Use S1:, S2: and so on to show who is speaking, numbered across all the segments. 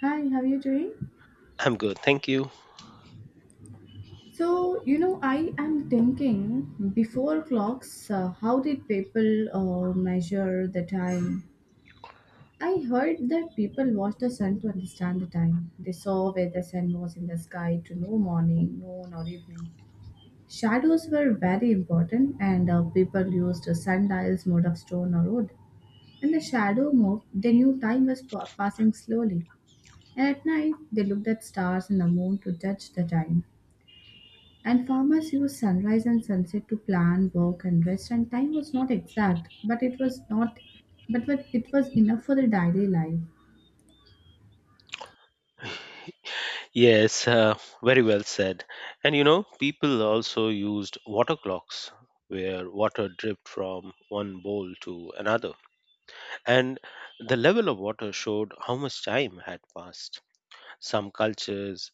S1: Hi, how are you doing?
S2: I'm good, thank you.
S1: So, you know, I am thinking before clocks, how did people measure the time? I heard that people watched the sun to understand the time. They saw where the sun was in the sky to know morning, noon, or evening. Shadows were very important, and people used sundials made of stone or wood. When the shadow moved, they knew time was passing slowly. And at night, they looked at stars and the moon to judge the time. And farmers used sunrise and sunset to plan, work, and rest. And time was not exact, but it was not, but it was enough for the daily life.
S2: Yes, very well said. And you know, people also used water clocks where water dripped from one bowl to another, and the level of water showed how much time had passed. Some cultures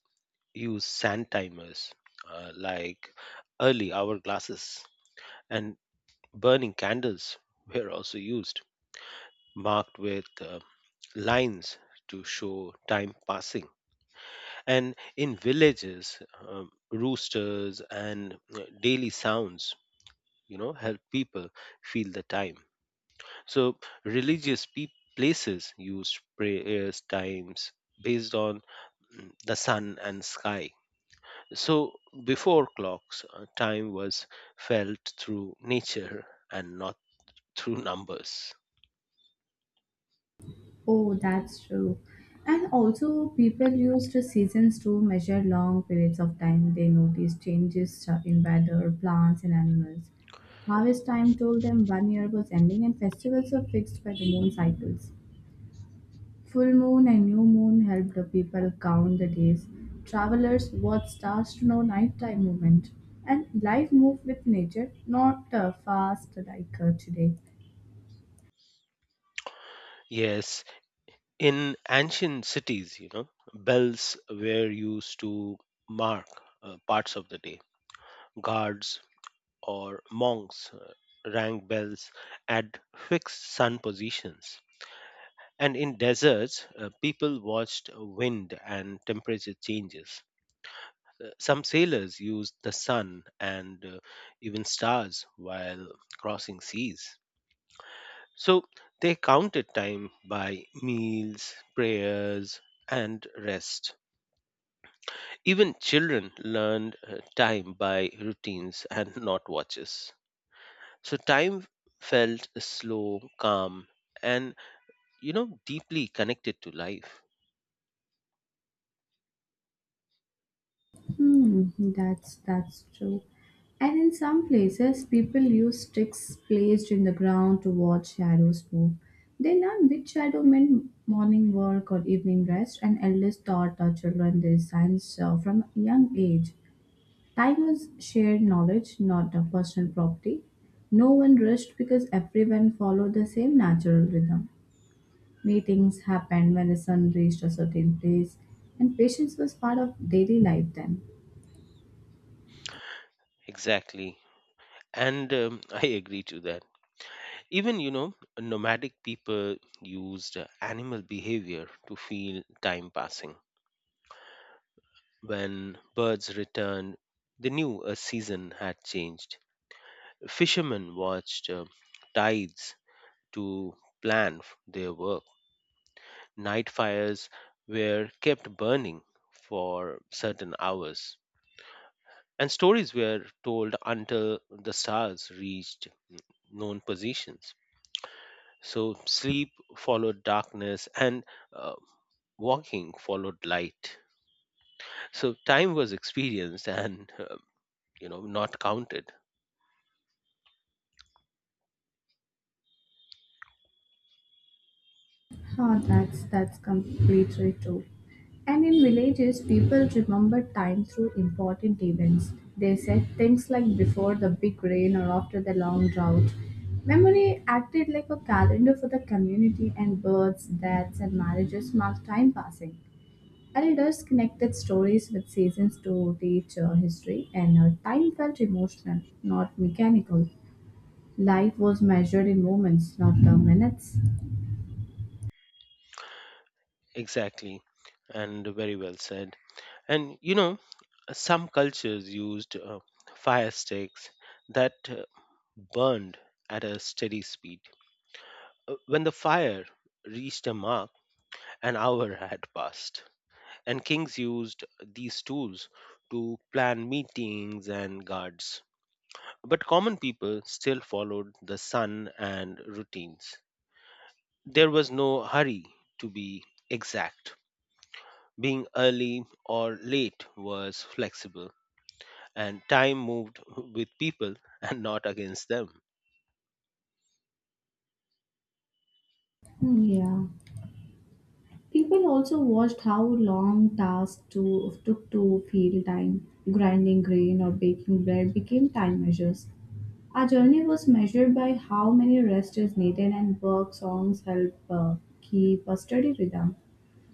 S2: use sand timers, like early hour glasses, and burning candles were also used, marked with lines to show time passing. And in villages, roosters and daily sounds, you know, help people feel the time. So religious pe- places use prayers times based on the sun and sky. So before clocks, time was felt through nature and not through numbers.
S1: Oh, that's true. And also, people used the seasons to measure long periods of time. They noticed changes in weather, plants, and animals. Harvest time told them one year was ending, and festivals were fixed by the moon cycles. Full moon and new moon helped the people count the days. Travelers watched stars to know nighttime movement. And life moved with nature, not fast like today.
S2: Yes, in ancient cities, you know, bells were used to mark parts of the day. Guards or monks rang bells at fixed sun positions. And in deserts, people watched wind and temperature changes. Some sailors used the sun and even stars while crossing seas. So they counted time by meals, prayers, and rest. Even children learned time by routines and not watches. So time felt slow, calm, and, you know, deeply connected to life.
S1: Hmm, that's true. And in some places, people use sticks placed in the ground to watch shadows move. They learn which shadow meant morning work or evening rest, and elders taught our children these signs from a young age. Time was shared knowledge, not a personal property. No one rushed because everyone followed the same natural rhythm. Meetings happened when the sun reached a certain place, and patience was part of daily life then.
S2: Exactly. And I agree to that. Even, you know, nomadic people used animal behavior to feel time passing. When birds returned, they knew a season had changed. Fishermen watched tides to plan their work. Night fires were kept burning for certain hours and stories were told until the stars reached known positions. So sleep followed darkness, and uh, walking followed light. So time was experienced and, you know, not counted
S1: Oh, that's completely true. And in villages, people remember time through important events. They said things like before the big rain or after the long drought. Memory acted like a calendar for the community, and births, deaths, and marriages marked time passing. Elders connected stories with seasons to teach history, and time felt emotional, not mechanical. Life was measured in moments, not the minutes.
S2: exactly, and very well said. And you know some cultures used fire sticks that burned at a steady speed. When the fire reached a mark, an hour had passed. And kings used these tools to plan meetings and guards. But common people still followed the sun and routines. There was no hurry to be exact. Being early or late was flexible, and time moved with people and not against them.
S1: Yeah. People also watched how long took to fill time. Grinding grain or baking bread became time measures. Our journey was measured by how many rest is needed, and work songs help keep a steady rhythm.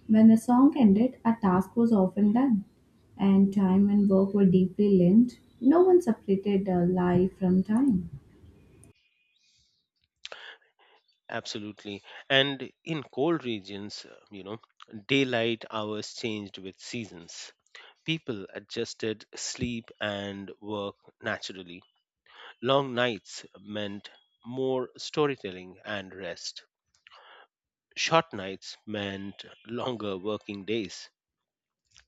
S1: When the song ended, a task was often done, and time and work were deeply linked. No one separated life from time.
S2: Absolutely. And in cold regions, you know, daylight hours changed with seasons. People adjusted sleep and work naturally. Long nights meant more storytelling and rest. Short nights meant longer working days.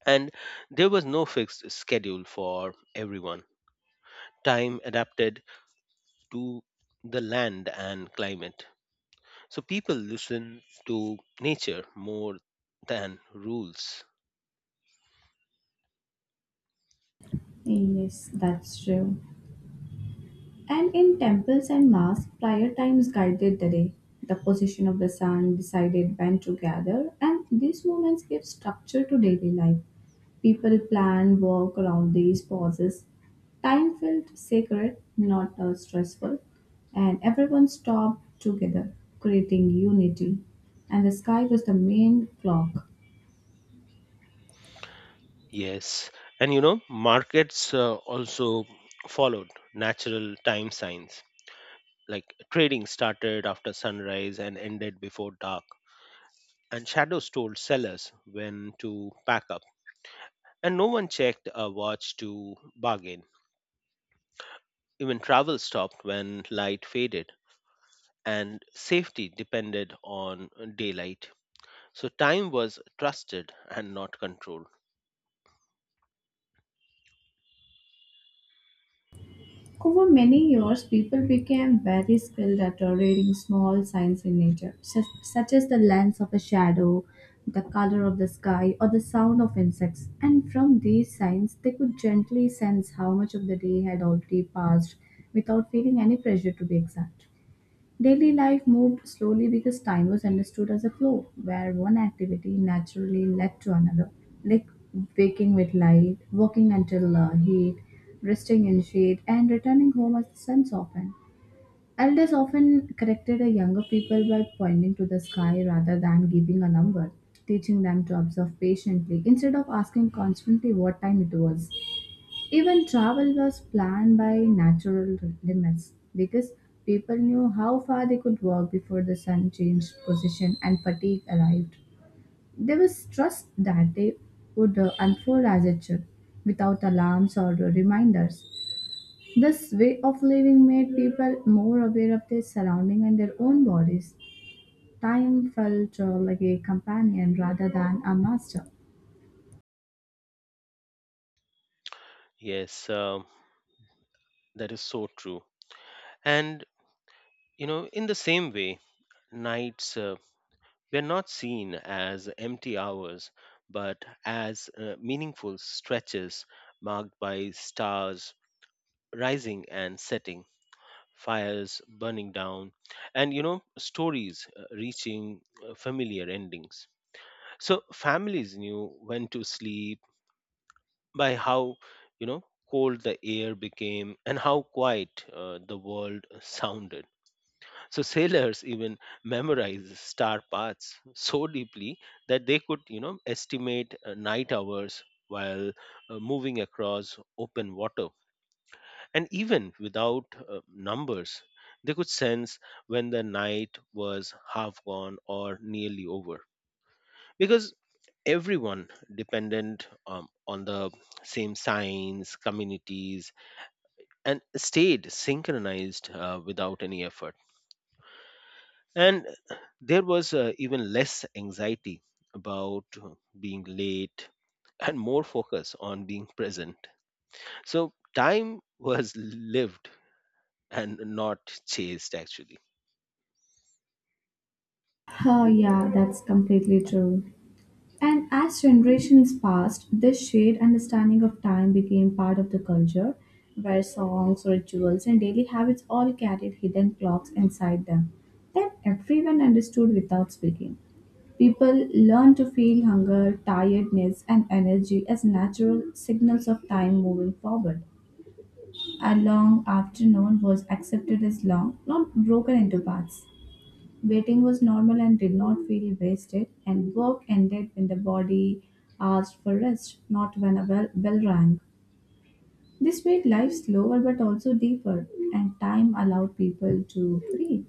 S2: And there was no fixed schedule for everyone. Time adapted to the land and climate. So people listened to nature more than rules.
S1: Yes, that's true. And in temples and mass, prayer times guided the day. The position of the sun decided when to gather, and these moments give structure to daily life. People plan work around these pauses. Time felt sacred, not stressful, and everyone stopped together, creating unity. And the sky was the main clock.
S2: Yes. And you know, markets also followed natural time signs. Like trading started after sunrise and ended before dark, and shadows told sellers when to pack up, and no one checked a watch to bargain. Even travel stopped when light faded, and safety depended on daylight. So time was trusted and not controlled.
S1: Over many years, people became very skilled at reading small signs in nature, such as the length of a shadow, the color of the sky, or the sound of insects. And from these signs, they could gently sense how much of the day had already passed without feeling any pressure to be exact. Daily life moved slowly because time was understood as a flow, where one activity naturally led to another, like waking with light, working until heat, resting in shade, and returning home as the sun softened. Elders often corrected the younger people by pointing to the sky rather than giving a number, teaching them to observe patiently instead of asking constantly what time it was. Even travel was planned by natural limits because people knew how far they could walk before the sun changed position and fatigue arrived. There was trust that they would unfold as it should, without alarms or reminders. This way of living made people more aware of their surrounding and their own bodies. Time felt like a companion rather than a master.
S2: Yes, that is so true. And you know, in the same way, nights we're not seen as empty hours, but as meaningful stretches marked by stars rising and setting, fires burning down, and, you know, stories reaching familiar endings. So families knew when to sleep by how, you know, cold the air became and how quiet the world sounded. So sailors even memorize star paths so deeply that they could, you know, estimate night hours while moving across open water. And even without numbers, they could sense when the night was half gone or nearly over. Because everyone depended on the same signs, communities, and stayed synchronized without any effort. And there was even less anxiety about being late and more focus on being present. So time was lived and not chased, actually.
S1: Oh, yeah, that's completely true. And as generations passed, this shared understanding of time became part of the culture, where songs, rituals, and daily habits all carried hidden clocks inside them that everyone understood without speaking. People learned to feel hunger, tiredness, and energy as natural signals of time moving forward. A long afternoon was accepted as long, not broken into parts. Waiting was normal and did not feel wasted, and work ended when the body asked for rest, not when a bell rang. This made life slower but also deeper, and time allowed people to breathe.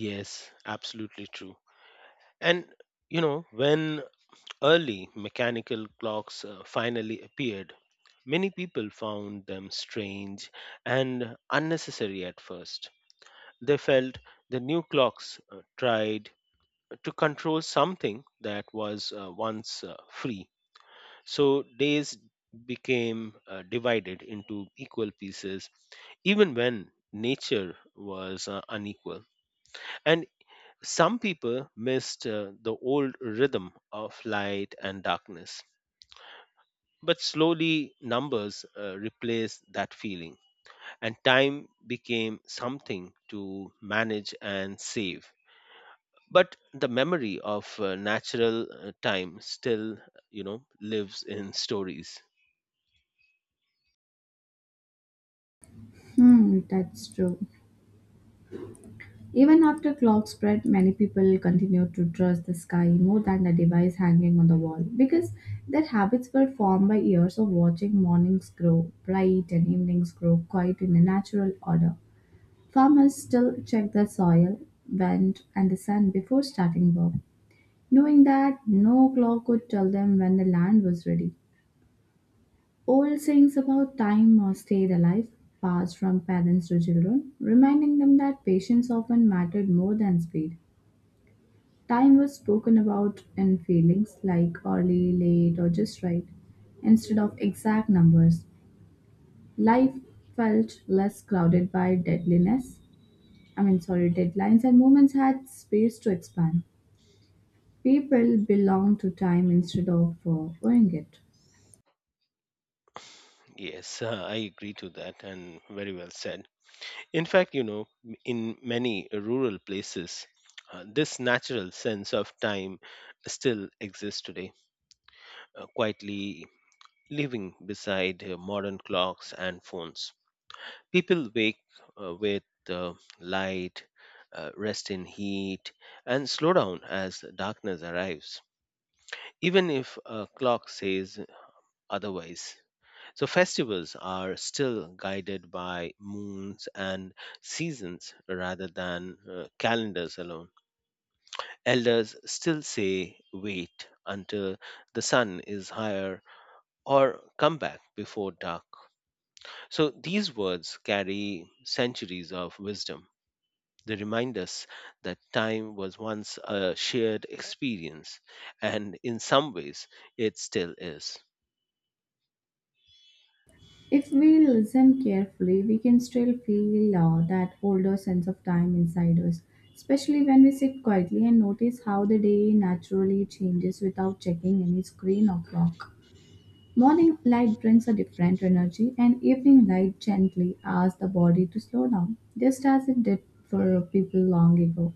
S2: Yes, absolutely true. And, you know, when early mechanical clocks finally appeared, many people found them strange and unnecessary at first. They felt the new clocks tried to control something that was once free. So days became divided into equal pieces, even when nature was unequal. And some people missed the old rhythm of light and darkness. But slowly, numbers replaced that feeling, and time became something to manage and save, but the memory of natural time still, you know, lives in stories.
S1: Hmm, that's true. Even after clock spread, many people continued to trust the sky more than the device hanging on the wall because their habits were formed by years of watching mornings grow bright and evenings grow quiet in a natural order. Farmers still check the soil, wind, and the sun before starting work, knowing that no clock could tell them when the land was ready. Old sayings about time stayed alive, passed from parents to children, reminding them that patience often mattered more than speed. Time was spoken about in feelings like early, late, or just right, instead of exact numbers. Life felt less crowded by deadliness I mean, sorry, deadlines and movements had space to expand. People belong to time instead of owing it.
S2: Yes, I agree to that, and very well said. In fact, you know, in many rural places, this natural sense of time still exists today, quietly living beside modern clocks and phones. People wake, with uh, light, rest in heat, and slow down as darkness arrives, even if a clock says otherwise. So, festivals are still guided by moons and seasons rather than calendars alone. Elders still say, wait until the sun is higher or come back before dark. So, these words carry centuries of wisdom. They remind us that time was once a shared experience, and in some ways, it still is.
S1: If we listen carefully, we can still feel that older sense of time inside us, especially when we sit quietly and notice how the day naturally changes without checking any screen or clock. Morning light brings a different energy, and evening light gently asks the body to slow down, just as it did for people long ago.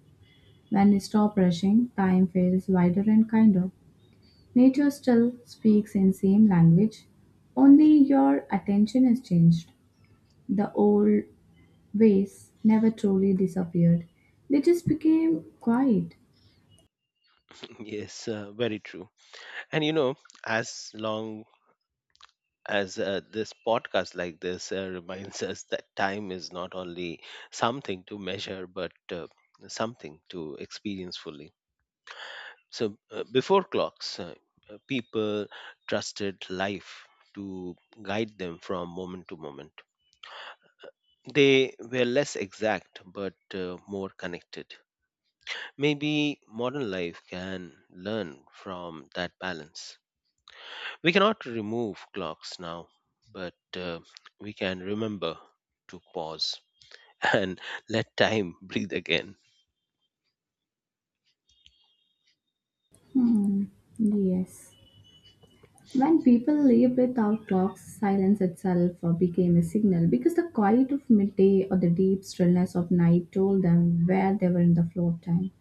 S1: When we stop rushing, time feels wider and kinder. Nature still speaks in same language, only your attention is changed. The old ways never truly disappeared. They just became quiet.
S2: Yes, very true. And you know, as long as this podcast like this reminds us that time is not only something to measure, but something to experience fully. So, before clocks, people trusted life to guide them from moment to moment. They were less exact, but more connected. Maybe modern life can learn from that balance. We cannot remove clocks now, but we can remember to pause and let time breathe again.
S1: Hmm. Yes. When people lived without clocks, silence itself became a signal because the quiet of midday or the deep stillness of night told them where they were in the flow of time.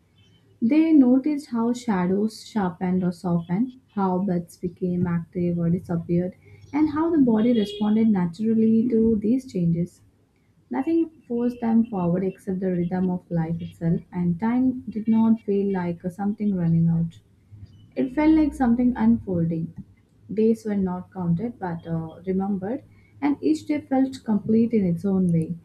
S1: They noticed how shadows sharpened or softened, how bloods became active or disappeared, and how the body responded naturally to these changes. Nothing forced them forward except the rhythm of life itself, and time did not feel like something running out. It felt like something unfolding. Days were not counted but remembered, and each day felt complete in its own way.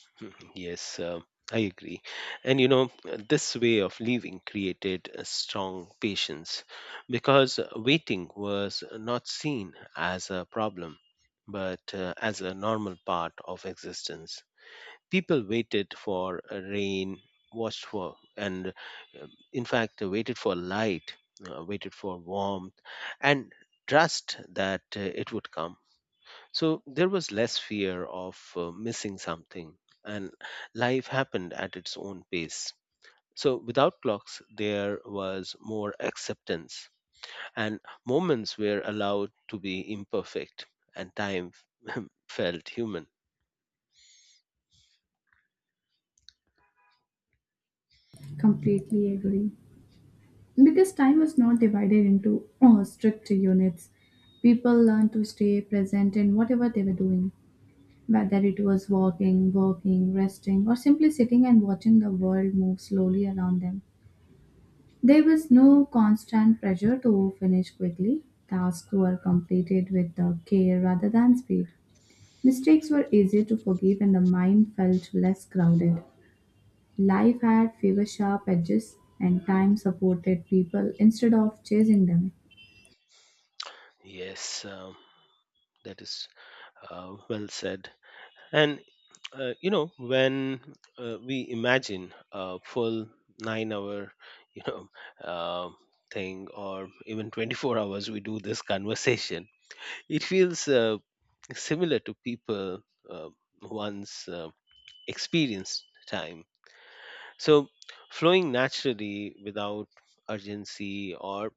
S2: Yes, I agree. And you know, this way of living created a strong patience because waiting was not seen as a problem but as a normal part of existence. People waited for rain, watched for, and in fact waited for light, waited for warmth, and trust that it would come. So there was less fear of missing something, and life happened at its own pace. So without clocks there was more acceptance, and moments were allowed to be imperfect, and time felt human.
S1: Completely agree. Because time was not divided into strict units, people learned to stay present in whatever they were doing, whether it was walking, working, resting, or simply sitting and watching the world move slowly around them. There was no constant pressure to finish quickly. Tasks were completed with care rather than speed. Mistakes were easier to forgive, and the mind felt less crowded. Life had fewer sharp edges, and time supported people instead of chasing them.
S2: Yes, that is well said. And you know, when we imagine a full 9-hour, you know, uh, thing, or even 24 hours, we do this conversation. It feels similar to people uh, once experienced time. So, flowing naturally without urgency or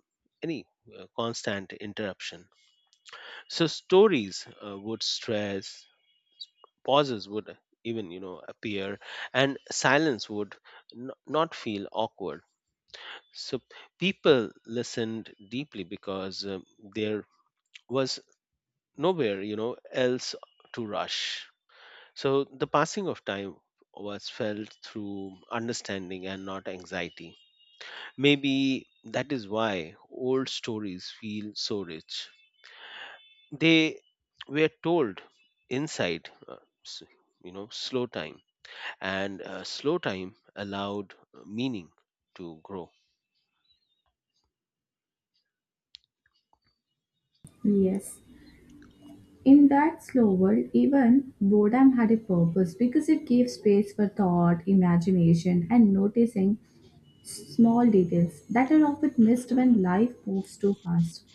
S2: any constant interruption. So, stories would stress, pauses would even, you know, appear, and silence would not feel awkward. So people listened deeply because, there was nowhere, you know, else to rush. So the passing of time was felt through understanding and not anxiety. Maybe that is why old stories feel so rich. They were told inside s- you know, slow time, and slow time allowed meaning to grow.
S1: Yes. In that slow world, even boredom had a purpose because it gave space for thought, imagination, and noticing small details that are often missed when life moves too fast.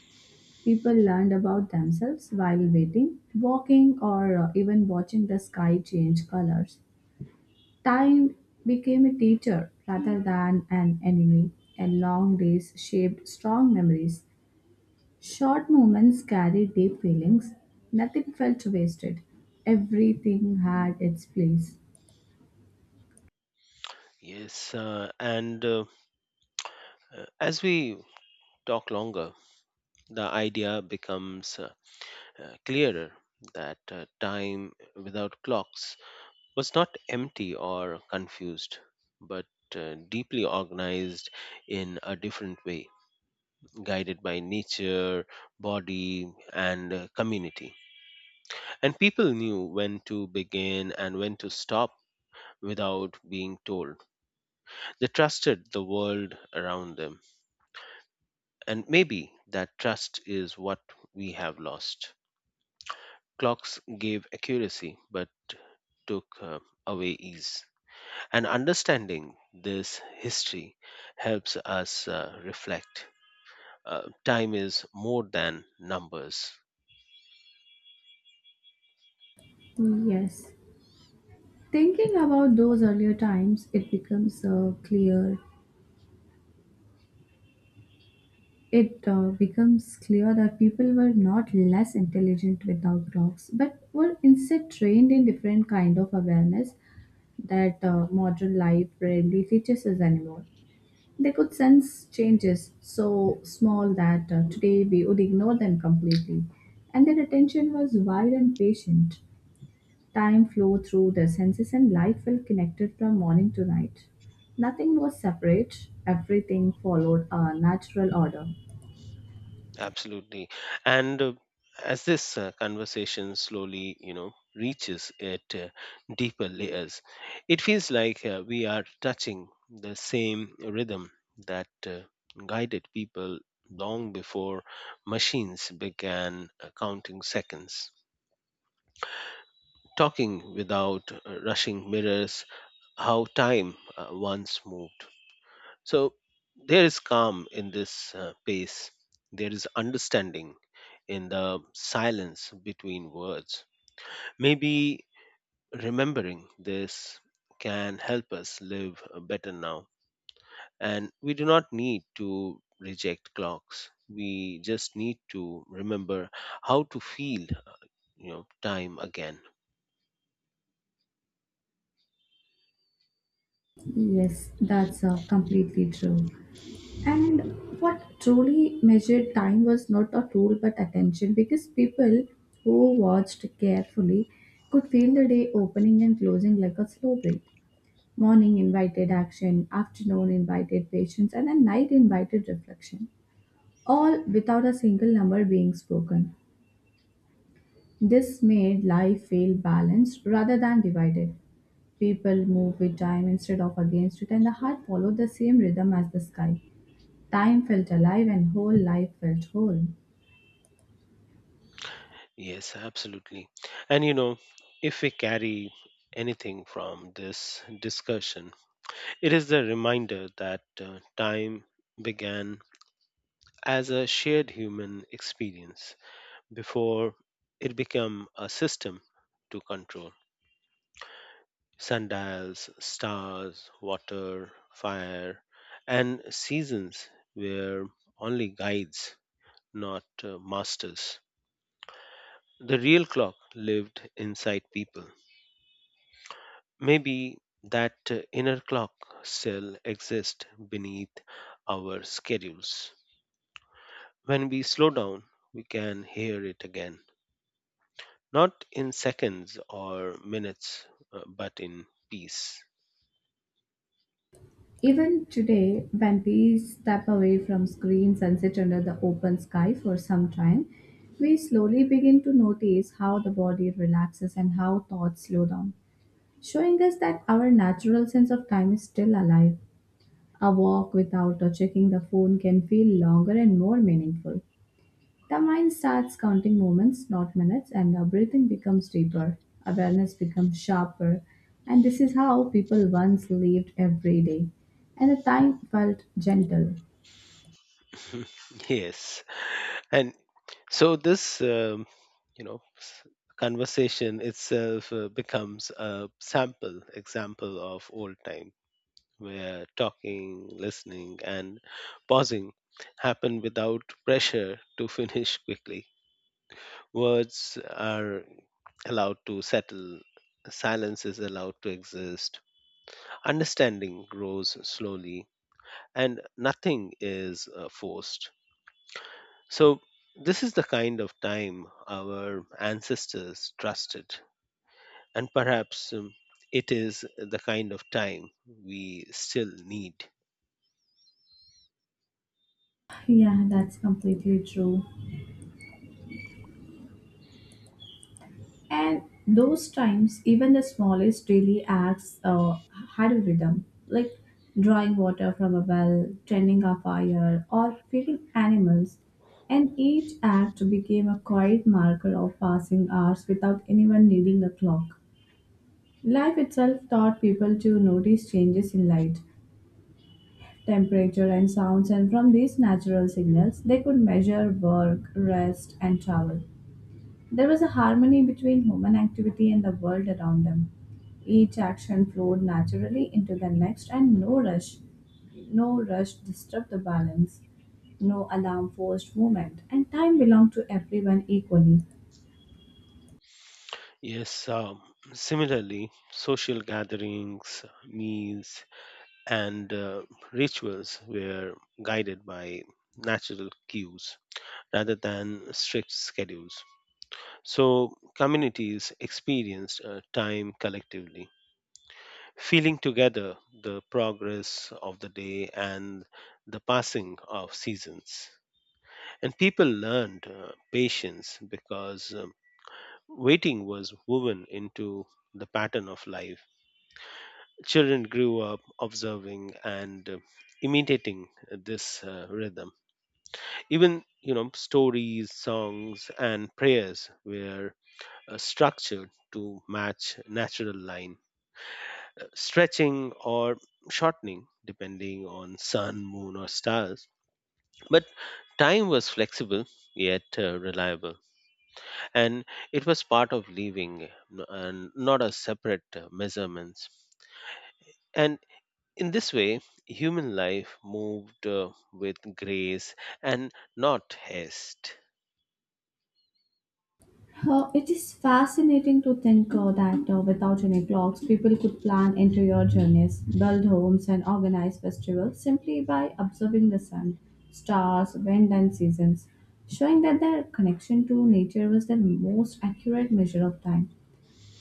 S1: People learned about themselves while waiting, walking, or even watching the sky change colors. Time became a teacher rather than an enemy, and long days shaped strong memories. Short moments carry deep feelings. Nothing felt wasted. Everything had its place.
S2: Yes, and as we talk longer, the idea becomes clearer, that time without clocks was not empty or confused, but deeply organized in a different way, guided by nature, body, and community. And people knew when to begin and when to stop without being told. They trusted the world around them, and maybe that trust is what we have lost. Clocks gave accuracy but took away ease. And understanding this history helps us reflect. Time is more than numbers.
S1: Yes. Thinking about those earlier times, it becomes clear. It becomes clear that people were not less intelligent without clocks, but were instead trained in different kind of awareness that modern life rarely teaches us anymore. They could sense changes so small that today we would ignore them completely. And their attention was wide and patient. Time flowed through their senses and life felt connected from morning to night. Nothing was separate, everything followed a natural order.
S2: Absolutely. And as this conversation slowly, you know, reaches at deeper layers, it feels like we are touching the same rhythm that guided people long before machines began counting seconds. Talking without rushing mirrors, how time once moved. So there is calm in this pace. There is understanding in the silence between words. Maybe remembering this can help us live better now. And we do not need to reject clocks. We just need to remember how to feel, you know, time again.
S1: Yes, that's completely true. And what truly measured time was not a rule but attention because people who watched carefully could feel the day opening and closing like a slow breath. Morning invited action, afternoon invited patience, and then night invited reflection, all without a single number being spoken. This made life feel balanced rather than divided. People move with time instead of against it, and the heart followed the same rhythm as the sky. Time felt alive and whole life felt whole.
S2: Yes, absolutely. And you know, if we carry anything from this discussion, it is the reminder that time began as a shared human experience before it became a system to control. Sundials, stars, water, fire, and seasons were only guides, not masters. The real clock lived inside people. Maybe that inner clock still exists beneath our schedules. When we slow down, we can hear it again, not in seconds or minutes, but in peace.
S1: Even today, when we step away from screens and sit under the open sky for some time, we slowly begin to notice how the body relaxes and how thoughts slow down, showing us that our natural sense of time is still alive. A walk without or checking the phone can feel longer and more meaningful. The mind starts counting moments, not minutes, and the breathing becomes deeper, awareness becomes sharper, and this is how people once lived every day. And the time felt gentle.
S2: Yes, and so this, you know, conversation itself becomes a sample example of old time, where talking, listening, and pausing happen without pressure to finish quickly. Words are allowed to settle, silence is allowed to exist, understanding grows slowly, and nothing is forced. So, this is the kind of time our ancestors trusted, and perhaps it is the kind of time we still need.
S1: Yeah, that's completely true. And those times, even the smallest daily acts had a rhythm, like drawing water from a well, tending a fire, or feeding animals. And each act became a quiet marker of passing hours without anyone needing a clock. Life itself taught people to notice changes in light, temperature, and sounds, and from these natural signals, they could measure work, rest, and travel. There was a harmony between human activity and the world around them. Each action flowed naturally into the next, and no rush disturbed the balance. No alarm forced movement, and time belonged to everyone equally.
S2: Yes, similarly, social gatherings, meals, and rituals were guided by natural cues rather than strict schedules. So, communities experienced time collectively, feeling together the progress of the day and the passing of seasons. And people learned patience because, waiting was woven into the pattern of life. Children grew up observing and imitating this rhythm. Even stories, songs, and prayers were structured to match natural line stretching or shortening depending on sun, moon, or stars. But time was flexible yet reliable, and it was part of living and not a separate measurements. And in this way, human life moved with grace and not haste.
S1: It is fascinating to think that without any clocks, people could plan interior journeys, build homes, and organize festivals simply by observing the sun, stars, wind, and seasons, showing that their connection to nature was the most accurate measure of time.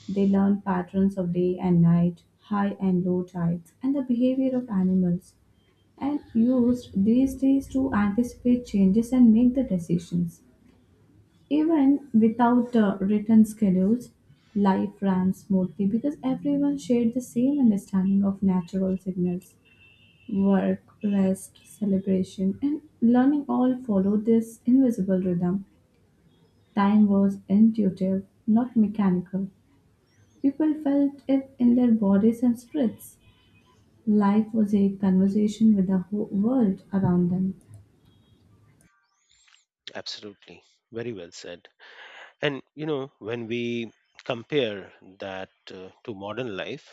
S1: They learned patterns of day and night, high and low tides, and the behavior of animals, and used these days to anticipate changes and make the decisions. Even without written schedules, life ran smoothly because everyone shared the same understanding of natural signals. Work, rest, celebration, and learning all followed this invisible rhythm. Time was intuitive, not mechanical. People felt it in their bodies and spirits. Life was a conversation with the whole world around them.
S2: Absolutely, very well said. And you know, when we compare that to modern life,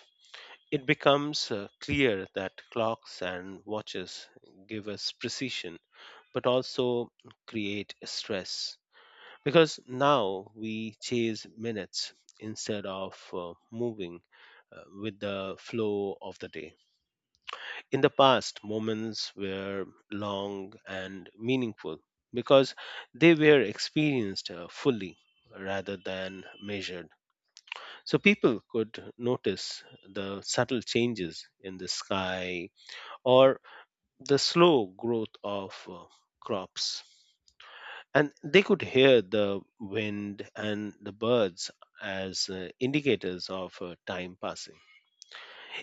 S2: it becomes clear that clocks and watches give us precision but also create stress because now we chase minutes instead of moving with the flow of the day. In the past, moments were long and meaningful because they were experienced fully rather than measured. So people could notice the subtle changes in the sky or the slow growth of crops. And they could hear the wind and the birds as indicators of time passing.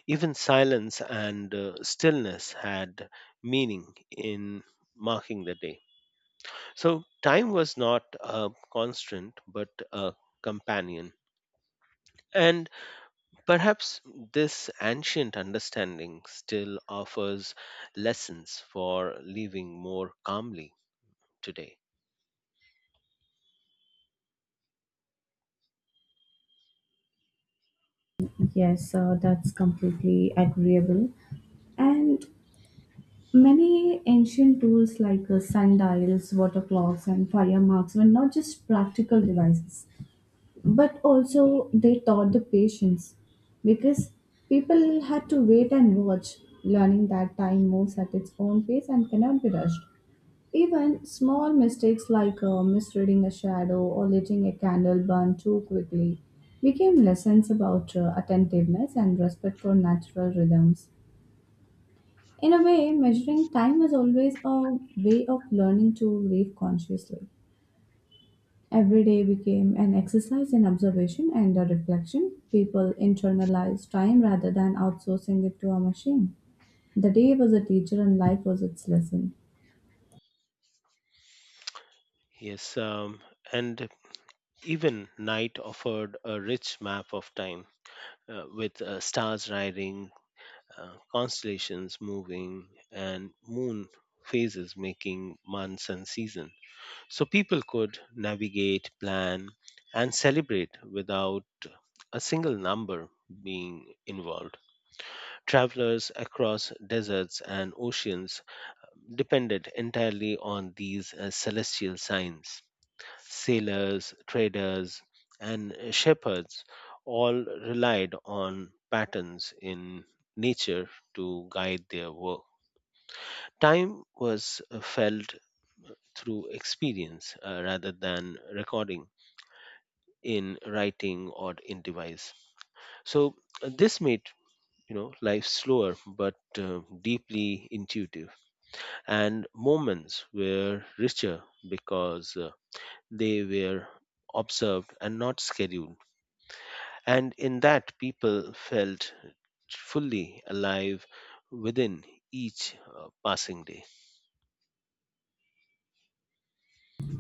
S2: Even silence and stillness had meaning in marking the day. So time was not a constant but a companion. And perhaps this ancient understanding still offers lessons for living more calmly today.
S1: Yes, that's completely agreeable. And many ancient tools like sundials, water clocks, and fire marks were not just practical devices, but also they taught the patience because people had to wait and watch, learning that time moves at its own pace and cannot be rushed. Even small mistakes like misreading a shadow or letting a candle burn too quickly became lessons about attentiveness and respect for natural rhythms. In a way, measuring time was always a way of learning to live consciously. Every day became an exercise in observation and a reflection. People internalized time rather than outsourcing it to a machine. The day was a teacher and life was its lesson.
S2: Yes, and even night offered a rich map of time with stars riding, constellations moving, and moon phases making months and season. So people could navigate, plan, and celebrate without a single number being involved. Travelers across deserts and oceans depended entirely on these celestial signs. Sailors, traders, and shepherds all relied on patterns in nature to guide their work. Time was felt through experience rather than recording in writing or in device. So this made life slower but deeply intuitive, and moments were richer because they were observed and not scheduled. And in that, people felt fully alive within each passing day.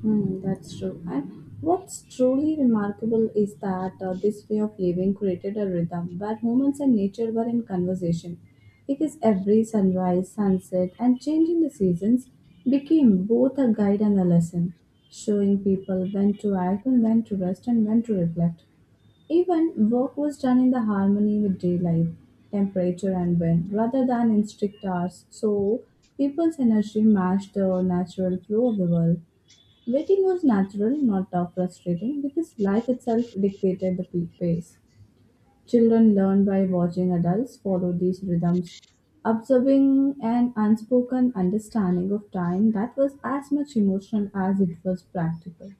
S1: Hmm, that's true. And what's truly remarkable is that this way of living created a rhythm where humans and nature were in conversation. Because every sunrise, sunset, and change in the seasons became both a guide and a lesson, showing people when to act and when to rest and when to reflect. Even work was done in the harmony with daylight, temperature, and wind rather than in strict hours, so people's energy matched the natural flow of the world. Waiting was natural, not tough frustrating, because life itself dictated the pace. Children learn by watching adults follow these rhythms, observing an unspoken understanding of time that was as much emotional as it was practical.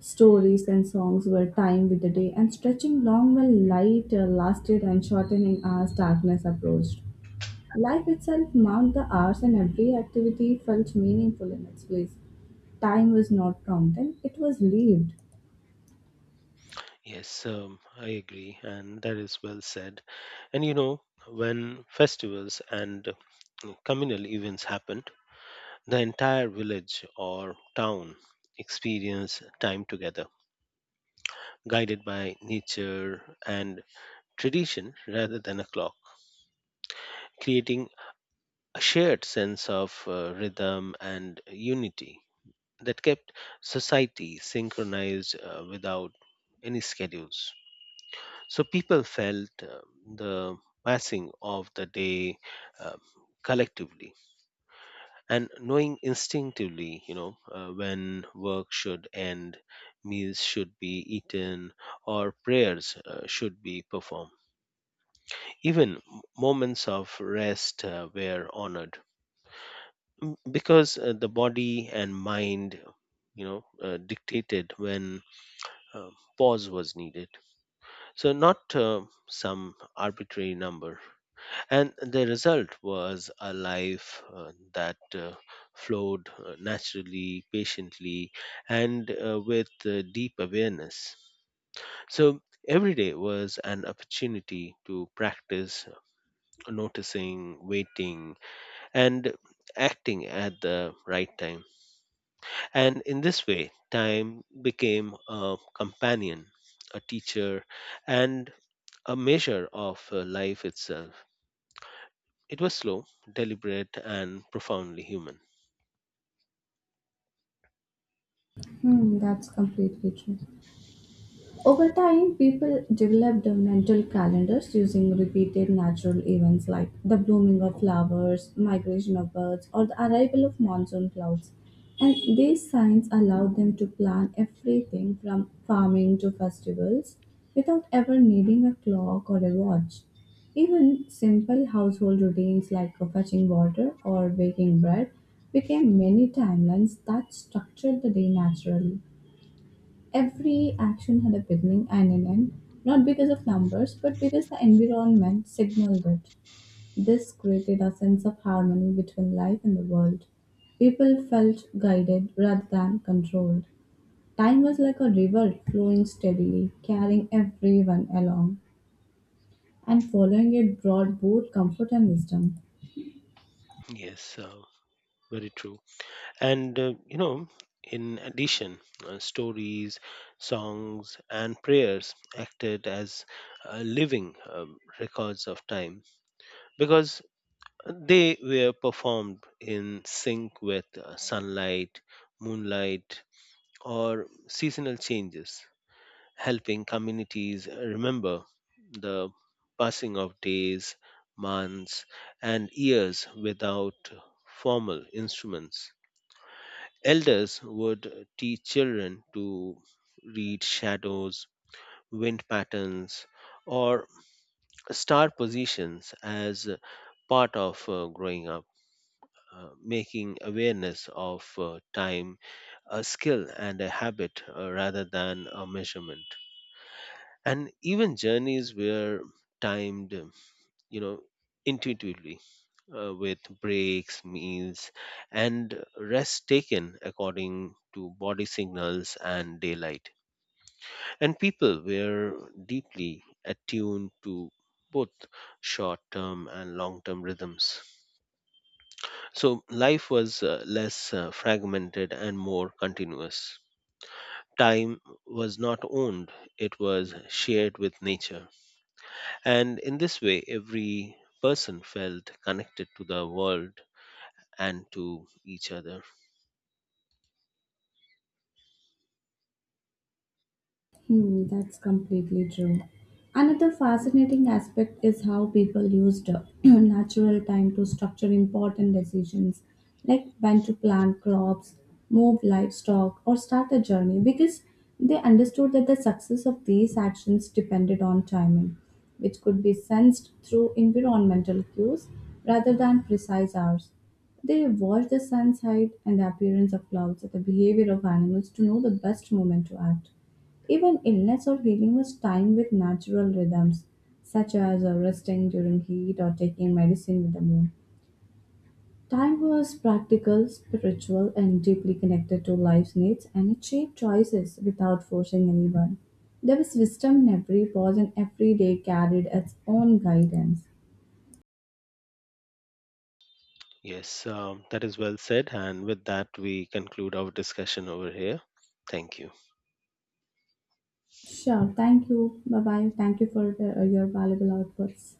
S1: Stories and songs were timed with the day and stretching long while light lasted and shortening as darkness approached. Life itself marked the hours, and every activity felt meaningful in its place. Time was not counted, it was lived.
S2: Yes, I agree, and that is well said. And you know, when festivals and communal events happened, the entire village or town experienced time together, guided by nature and tradition rather than a clock, creating a shared sense of rhythm and unity that kept society synchronized without any schedules. So people felt the passing of the day um, collectively, and knowing instinctively, when work should end, meals should be eaten, or prayers should be performed. Even moments of rest were honored because the body and mind, dictated when uh, pause was needed. So, not some arbitrary number. And the result was a life that flowed naturally, patiently, and with deep awareness. So, every day was an opportunity to practice noticing, waiting, and acting at the right time. And in this way, time became a companion, a teacher, and a measure of life itself. It was slow, deliberate, and profoundly human.
S1: Hmm, that's completely true. Over time, people developed mental calendars using repeated natural events like the blooming of flowers, migration of birds, or the arrival of monsoon clouds. And these signs allowed them to plan everything from farming to festivals without ever needing a clock or a watch. Even simple household routines like fetching water or baking bread became mini timelines that structured the day naturally. Every action had a beginning and an end, not because of numbers, but because the environment signaled it. This created a sense of harmony between life and the world. People felt guided rather than controlled. Time was like a river flowing steadily, carrying everyone along, and following it brought both comfort and wisdom.
S2: Yes, very true. And, you know, in addition, stories, songs, and prayers acted as living records of time because they were performed in sync with sunlight, moonlight, or seasonal changes, helping communities remember the passing of days, months, and years without formal instruments. Elders would teach children to read shadows, wind patterns, or star positions as part of growing up, making awareness of time a skill and a habit rather than a measurement. And even journeys were timed you know intuitively, with breaks, meals, and rest taken according to body signals and daylight, and people were deeply attuned to both short term and long term rhythms, so life was less fragmented and more continuous. Time was not owned, it was shared with nature. And in this way, every person felt connected to the world and to each other.
S1: Hmm, that's completely true. Another fascinating aspect is how people used natural time to structure important decisions, like when to plant crops, move livestock, or start a journey, because they understood that the success of these actions depended on timing, which could be sensed through environmental cues rather than precise hours. They watched the sun's height and the appearance of clouds or the behavior of animals to know the best moment to act. Even illness or healing was timed with natural rhythms, such as resting during heat or taking medicine with the moon. Time was practical, spiritual, and deeply connected to life's needs, and it shaped choices without forcing anyone. There was wisdom in every pause, and every day carried its own guidance.
S2: Yes, that is well said. And with that, we conclude our discussion over here. Thank you.
S1: Sure, thank you. Bye bye. Thank you for your valuable outputs.